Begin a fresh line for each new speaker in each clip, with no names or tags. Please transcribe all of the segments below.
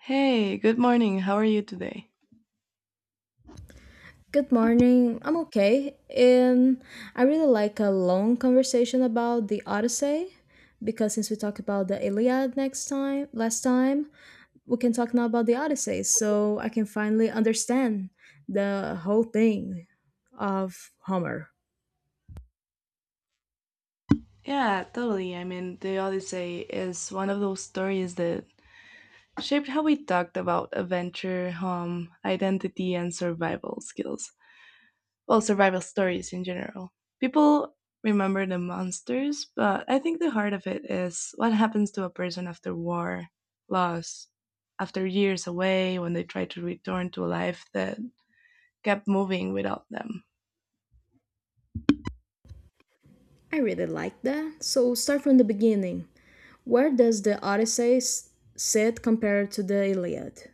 Hey, good morning. How are you today?
Good morning. I'm okay. I really like a long conversation about the Odyssey because since we talked about the Iliad next time, last time, we can talk now about the Odyssey so I can finally understand the whole thing of Homer.
Yeah, totally. I mean, The Odyssey is one of those stories that shaped how we talked about adventure, home, identity, and survival skills. Well, survival stories in general. People remember the monsters, but I think the heart of it is what happens to a person after war, loss, after years away when they try to return to a life that kept moving without them.
I really like that. So start from the beginning. Where does the sit compared to the Iliad?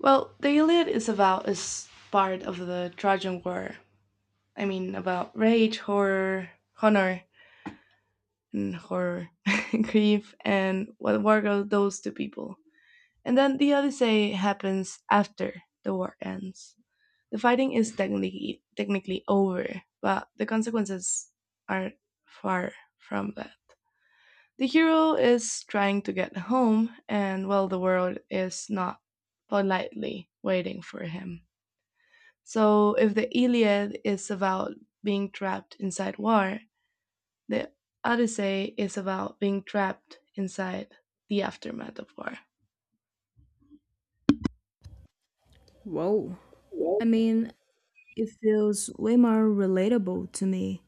Well, The Iliad is part of the Trojan War. I mean, about rage, horror, honor, and horror, grief, and what war goes those two people. And then the Odyssey happens after the war ends. The fighting is technically over, but the consequences are far from that. The hero is trying to get home, and well, the world is not politely waiting for him. So, if the Iliad is about being trapped inside war, the Odyssey is about being trapped inside the aftermath of war.
Whoa. I mean, it feels way more relatable to me,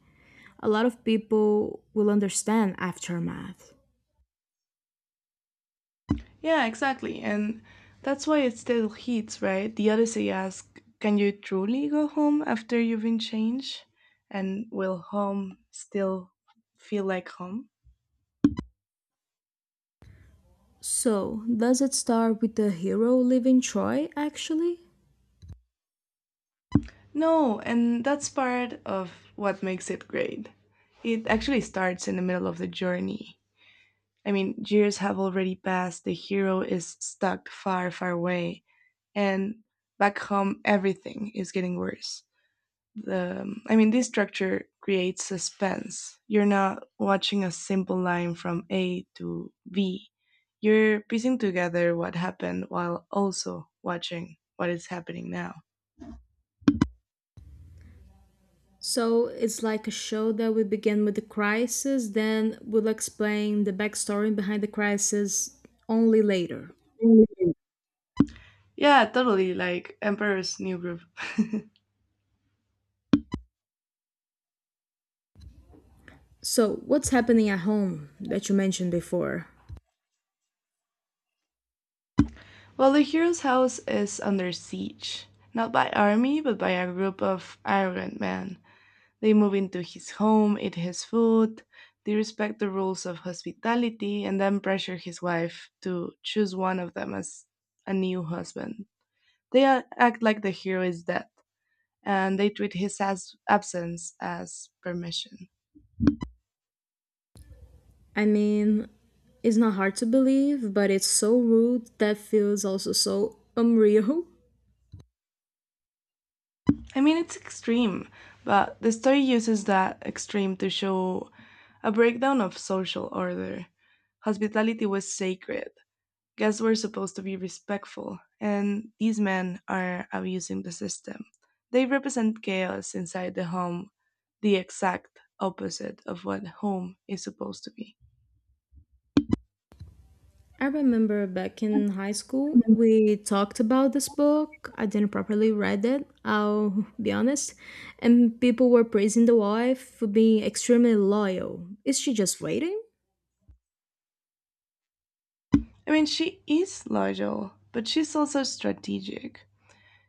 a lot of people will understand aftermath.
Yeah, exactly. And that's why it still hits, right? The Odyssey asks, can you truly go home after you've been changed? And will home still feel like home?
So, does it start with the hero leaving Troy actually?
No, and that's part of what makes it great. It actually starts in the middle of the journey. I mean, years have already passed, the hero is stuck far, far away, and back home, everything is getting worse. The I mean this structure creates suspense. You're not watching a simple line from A to B, you're piecing together what happened while also watching what is happening now.
So, it's like a show that we begin with the crisis, then we'll explain the backstory behind the crisis only later.
Yeah, totally, like Emperor's New Groove.
So, what's happening at home that you mentioned before?
Well, the hero's house is under siege, not by army but by a group of arrogant men. They move into his home, eat his food, they respect the rules of hospitality, and then pressure his wife to choose one of them as a new husband. They act like the hero is dead, and they treat his absence as permission.
I mean, it's not hard to believe, but it's so rude that feels also so unreal.
I mean, it's extreme, but the story uses that extreme to show a breakdown of social order. Hospitality was sacred, guests were supposed to be respectful, and these men are abusing the system. They represent chaos inside the home, the exact opposite of what home is supposed to be.
I remember back in high school, we talked about this book. I didn't properly read it, I'll be honest. And people were praising the wife for being extremely loyal. Is she just waiting?
I mean, she is loyal, but she's also strategic.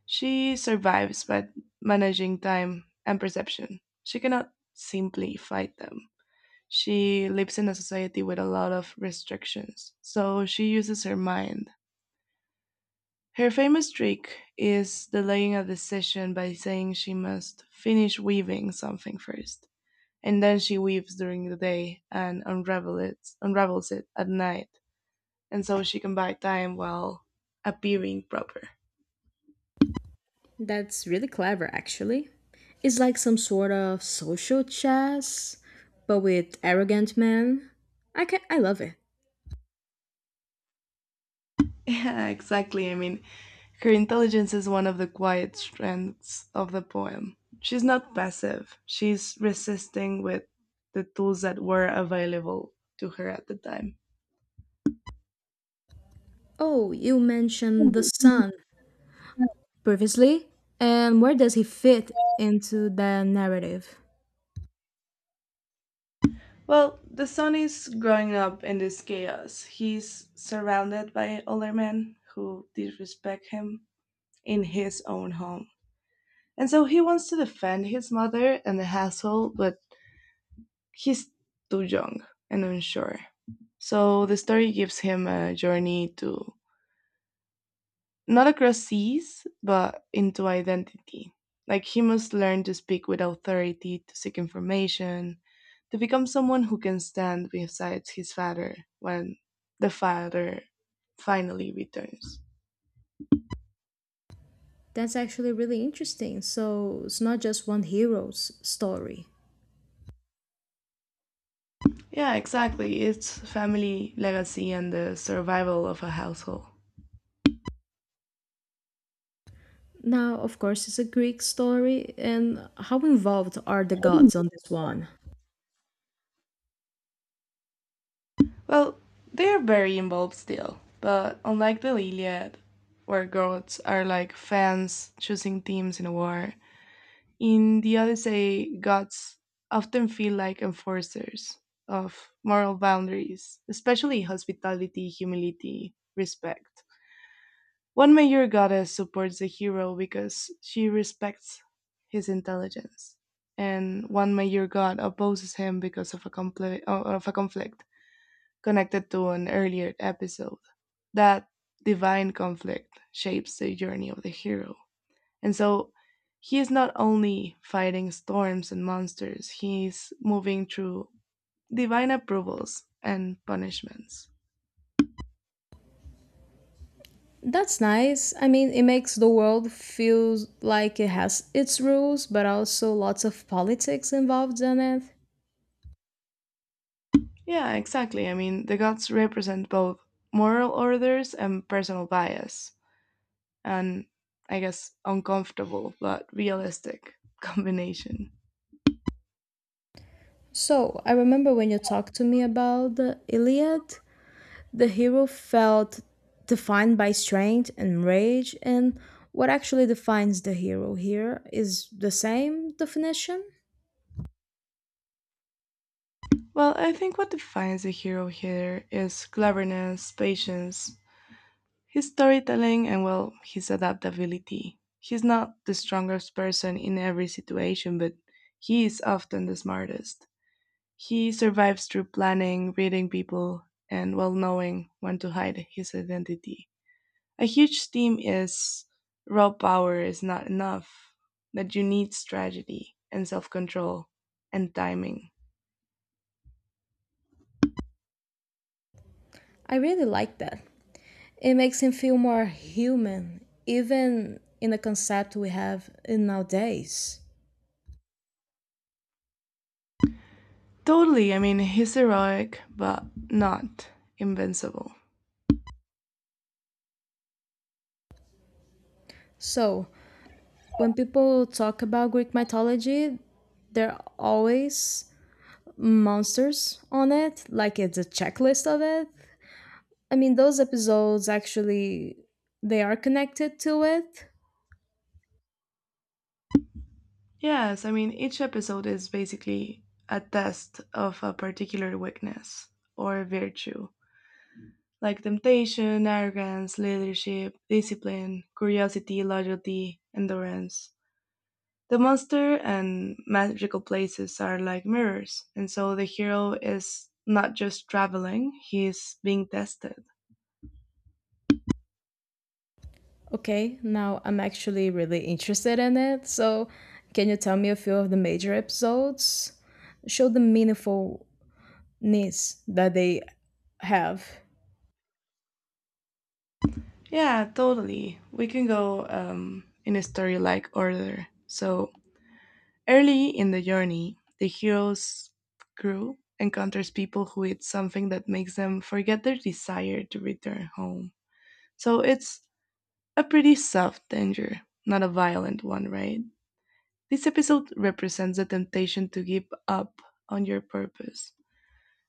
She survives by managing time and perception. She cannot simply fight them. She lives in a society with a lot of restrictions, so she uses her mind. Her famous trick is delaying a decision by saying she must finish weaving something first, and then she weaves during the day and unravels it at night, and so she can buy time while appearing proper.
That's really clever, actually. It's like some sort of social chess, but with arrogant men. I love it.
Yeah, exactly. I mean, her intelligence is one of the quiet strengths of the poem. She's not passive, she's resisting with the tools that were available to her at the time.
Oh, you mentioned the son previously, and where does he fit into the narrative?
Well, the son is growing up in this chaos. He's surrounded by older men who disrespect him in his own home. And so he wants to defend his mother and the household, but he's too young and unsure. So the story gives him a journey to not across seas, but into identity. Like he must learn to speak with authority, to seek information, to become someone who can stand beside his father when the father finally returns.
That's actually really interesting. So it's not just one hero's story.
Yeah, exactly. It's family, legacy, and the survival of a household.
Now, of course, it's a Greek story, and how involved are the gods on this one?
Well, they are very involved still, but unlike the Iliad, where gods are like fans choosing teams in a war, in the Odyssey, gods often feel like enforcers of moral boundaries, especially hospitality, humility, respect. One major goddess supports the hero because she respects his intelligence, and one major god opposes him because of a of a conflict connected to an earlier episode. That divine conflict shapes the journey of the hero, and so he is not only fighting storms and monsters; he's moving through divine approvals and punishments.
That's nice. I mean, it makes the world feel like it has its rules, but also lots of politics involved in it.
Yeah, exactly. I mean, the gods represent both moral orders and personal bias, and I guess uncomfortable but realistic combination.
So, I remember when you talked to me about the Iliad, the hero felt defined by strength and rage, and what actually defines the hero here is the same definition.
Well, I think what defines a hero here is cleverness, patience, his storytelling, and well, his adaptability. He's not the strongest person in every situation, but he is often the smartest. He survives through planning, reading people, and well, knowing when to hide his identity. A huge theme is raw power is not enough, that you need strategy and self control and timing.
I really like that. It makes him feel more human, even in the concept we have in nowadays.
Totally, I mean, he's heroic, but not invincible.
So, when people talk about Greek mythology, there are always monsters on it, like it's a checklist of it. I mean, those episodes actually they are connected to it.
Yes, I mean, each episode is basically a test of a particular weakness or virtue, like temptation, arrogance, leadership, discipline, curiosity, loyalty, endurance. The monster and magical places are like mirrors, and so the hero is not just traveling, he's being tested.
Okay, now I'm actually really interested in it. So, can you tell me a few of the major episodes? Show the meaningfulness that they have.
Yeah, totally. We can go in a story like order. So, early in the journey, the hero's crew encounters people who eat something that makes them forget their desire to return home. So, it's a pretty soft danger, not a violent one, right? This episode represents the temptation to give up on your purpose.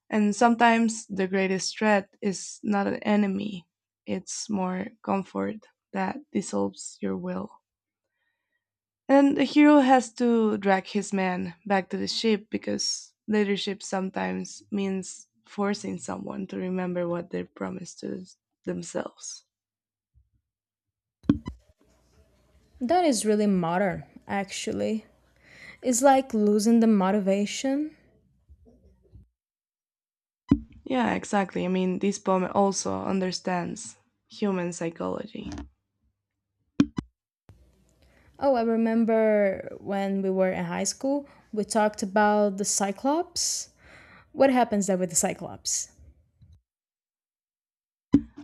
And sometimes the greatest threat is not an enemy, it's more comfort that dissolves your will. And the hero has to drag his man back to the ship because leadership sometimes means forcing someone to remember what they promised to themselves.
That is really modern, actually. It's like losing the motivation.
Yeah, exactly. I mean, this poem also understands human psychology.
Oh, I remember when we were in high school, we talked about the Cyclops. What happens there with the Cyclops?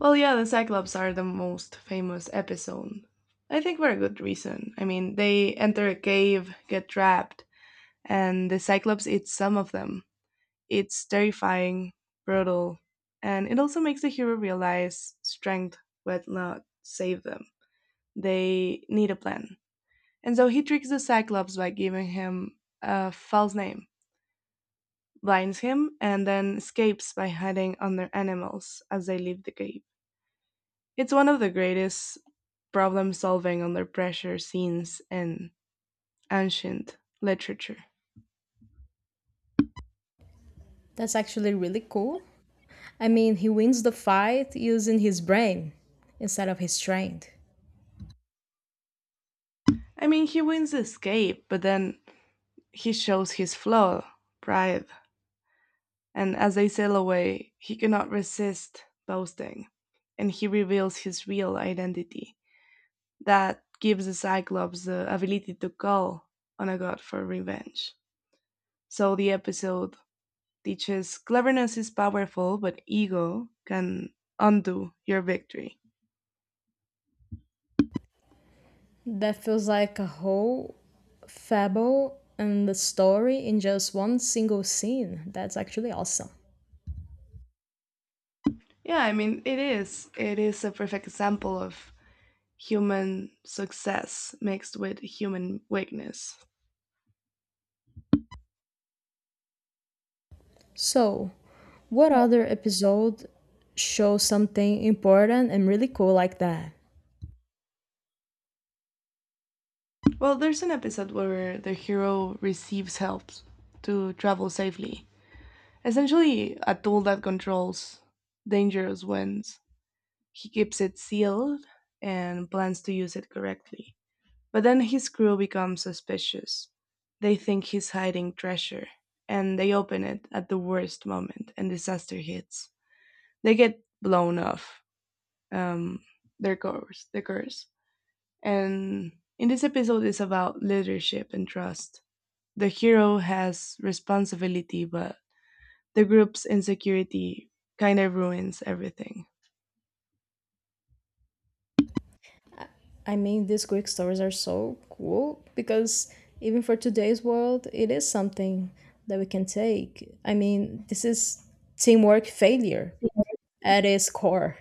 Well, yeah, the Cyclops are the most famous episode. I think for a good reason. I mean, they enter a cave, get trapped, and the Cyclops eats some of them. It's terrifying, brutal, and it also makes the hero realize strength will not save them. They need a plan. And so he tricks the Cyclops by giving him a false name, blinds him, and then escapes by hiding under animals as they leave the cave. It's one of the greatest problem-solving under pressure scenes in ancient literature.
That's actually really cool. I mean, he wins the fight using his brain instead of his strength.
I mean, he wins the escape, but then he shows his flaw, pride, and as they sail away, he cannot resist boasting, and he reveals his real identity. That gives the Cyclops the ability to call on a god for revenge. So the episode teaches cleverness is powerful, but ego can undo your victory.
That feels like a whole fable and the story in just one single scene. That's actually awesome.
Yeah, I mean, it is. It is a perfect example of human success mixed with human weakness.
So, what other episode shows something important and really cool like that?
Well, there's an episode where the hero receives help to travel safely. Essentially, a tool that controls dangerous winds. He keeps it sealed and plans to use it correctly. But then his crew becomes suspicious. They think he's hiding treasure, and they open it at the worst moment, and disaster hits. They get blown off um, their course. And in this episode it's about leadership and trust. The hero has responsibility, but the group's insecurity kind of ruins everything.
I mean, these Greek stories are so cool because even for today's world, it is something that we can take. I mean, this is teamwork failure at its core.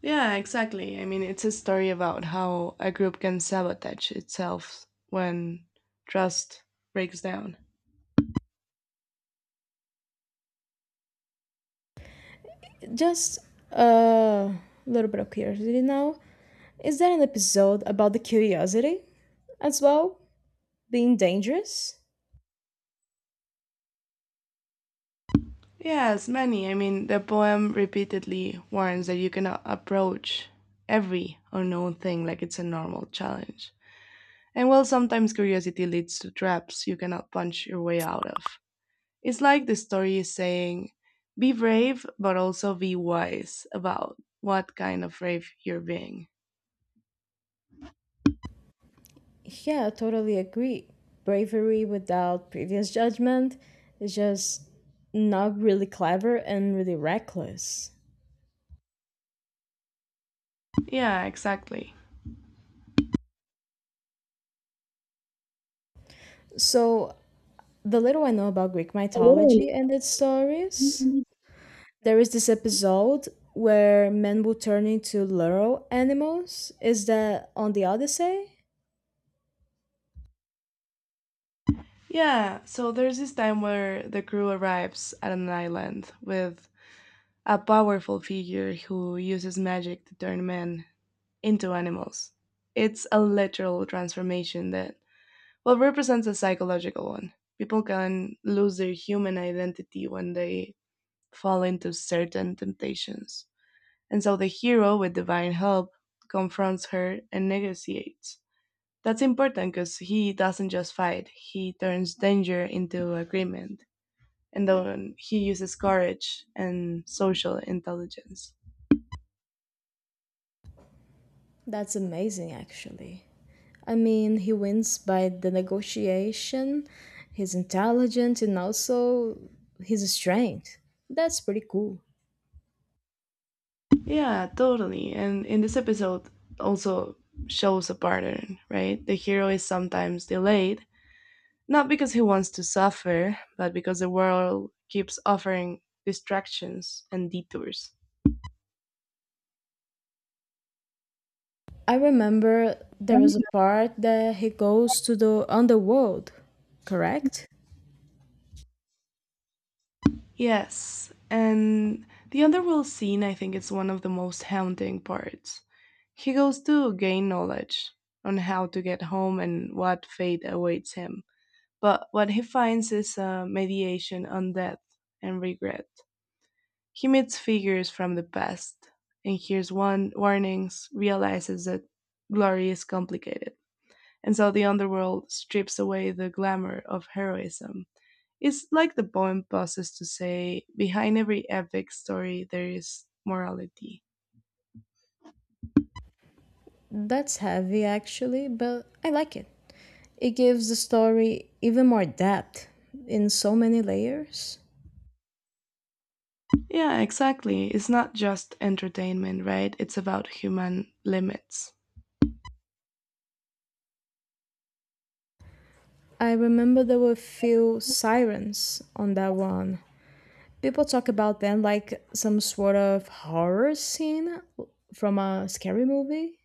Yeah, exactly. I mean, it's a story about how a group can sabotage itself when trust breaks down.
Just a little bit of curiosity now. Is there an episode about the curiosity as well? Being dangerous?
Yes, many. I mean, the poem repeatedly warns that you cannot approach every unknown thing like it's a normal challenge. And while sometimes curiosity leads to traps you cannot punch your way out of, it's like the story is saying be brave, but also be wise about what kind of brave you're being.
Yeah, I totally agree. Bravery without previous judgment is just not really clever and really reckless.
Yeah, exactly.
So, the little I know about Greek mythology and its stories, there is this episode where men will turn into literal animals. Is that on the Odyssey?
Yeah, so there's this time where the crew arrives at an island with a powerful figure who uses magic to turn men into animals. It's a literal transformation that, well, represents a psychological one. People can lose their human identity when they fall into certain temptations. And so the hero, with divine help, confronts her and negotiates. That's important because he doesn't just fight, he turns danger into agreement and then he uses courage and social intelligence.
That's amazing, actually. I mean, he wins by the negotiation, his intelligence, and also his strength. That's pretty cool.
Yeah, totally. And in this episode also shows a pattern, right? The hero is sometimes delayed, not because he wants to suffer, but because the world keeps offering distractions and detours.
I remember there was a part that he goes to the underworld, correct?
Yes, and the underworld scene I think is one of the most haunting parts. He goes to gain knowledge on how to get home and what fate awaits him, but what he finds is a mediation on death and regret. He meets figures from the past and hears one warnings, realizes that glory is complicated. And so the underworld strips away the glamour of heroism. It's like the poem pauses to say, behind every epic story, there is morality.
That's heavy, actually, but I like it. It gives the story even more depth in so many layers.
Yeah, exactly. It's not just entertainment, right? It's about human limits.
I remember there were few sirens on that one. People talk about them like some sort of horror scene from a scary movie.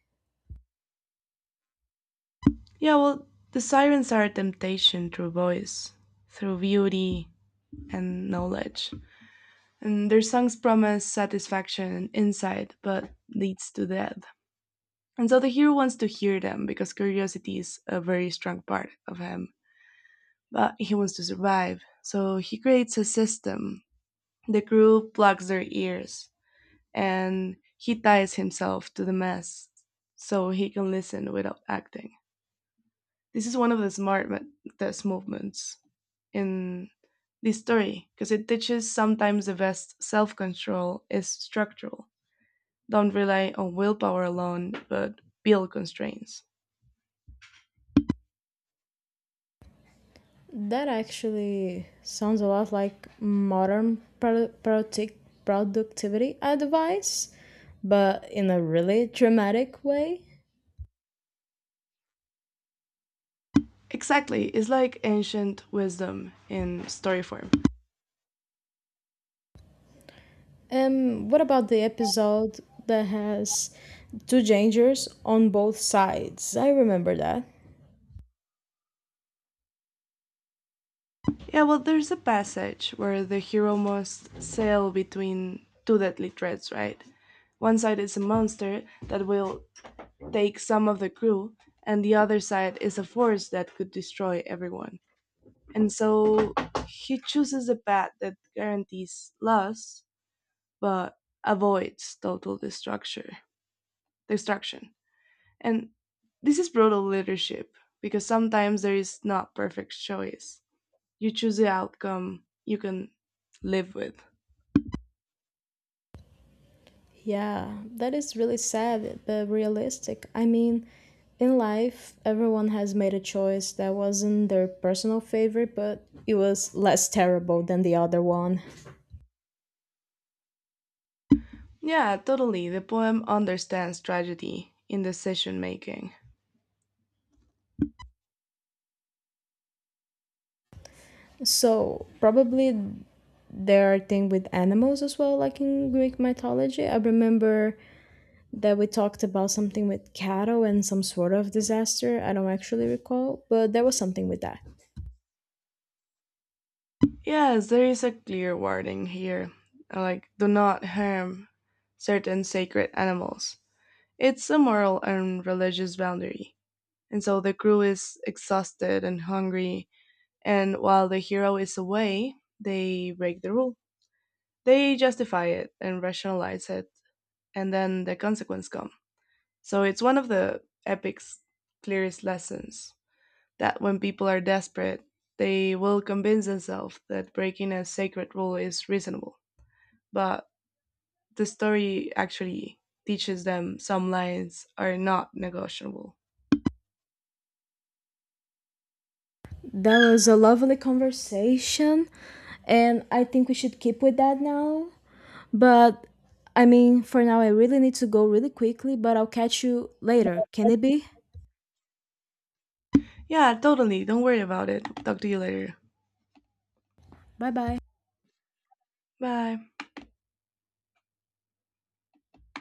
Yeah, well, the sirens are a temptation through voice, through beauty and knowledge. And their songs promise satisfaction and insight, but leads to death. And so the hero wants to hear them because curiosity is a very strong part of him. But he wants to survive. So he creates a system. The crew plugs their ears and he ties himself to the mast so he can listen without acting. This is one of the test movements in the story because it teaches sometimes the best self control is structural. Don't rely on willpower alone, but build constraints.
That actually sounds a lot like modern productivity advice, but in a really dramatic way.
Exactly, it's like ancient wisdom in story form.
What about the episode that has two dangers on both sides? I remember that.
Yeah, well, there's a passage where the hero must sail between two deadly threats, right? One side is a monster that will take some of the crew, and the other side is a force that could destroy everyone. And so he chooses a path that guarantees loss but avoids total destruction. Destruction. And this is brutal leadership because sometimes there is not perfect choice, you choose the outcome you can live with.
Yeah, that is really sad but realistic. I mean, in life, everyone has made a choice that wasn't their personal favorite, but it was less terrible than the other one.
Yeah, totally. The poem understands tragedy in decision making.
So, probably there are things with animals as well, like in Greek mythology. I remember that we talked about something with cattle and some sort of disaster. I don't actually recall, but there was something with that.
Yes, there is a clear warning here like, do not harm certain sacred animals. It's a moral and religious boundary. And so the crew is exhausted and hungry, and while the hero is away, they break the rule. They justify it and rationalize it, and then the consequence comes. So it's one of the epic's clearest lessons that when people are desperate, they will convince themselves that breaking a sacred rule is reasonable. But the story actually teaches them some lines are not negotiable.
That was a lovely conversation, and I think we should keep with that now. But I mean, for now, I really need to go really quickly, but I'll catch you later. Can it be?
Yeah, totally. Don't worry about it. Talk to you later.
Bye bye.
Bye.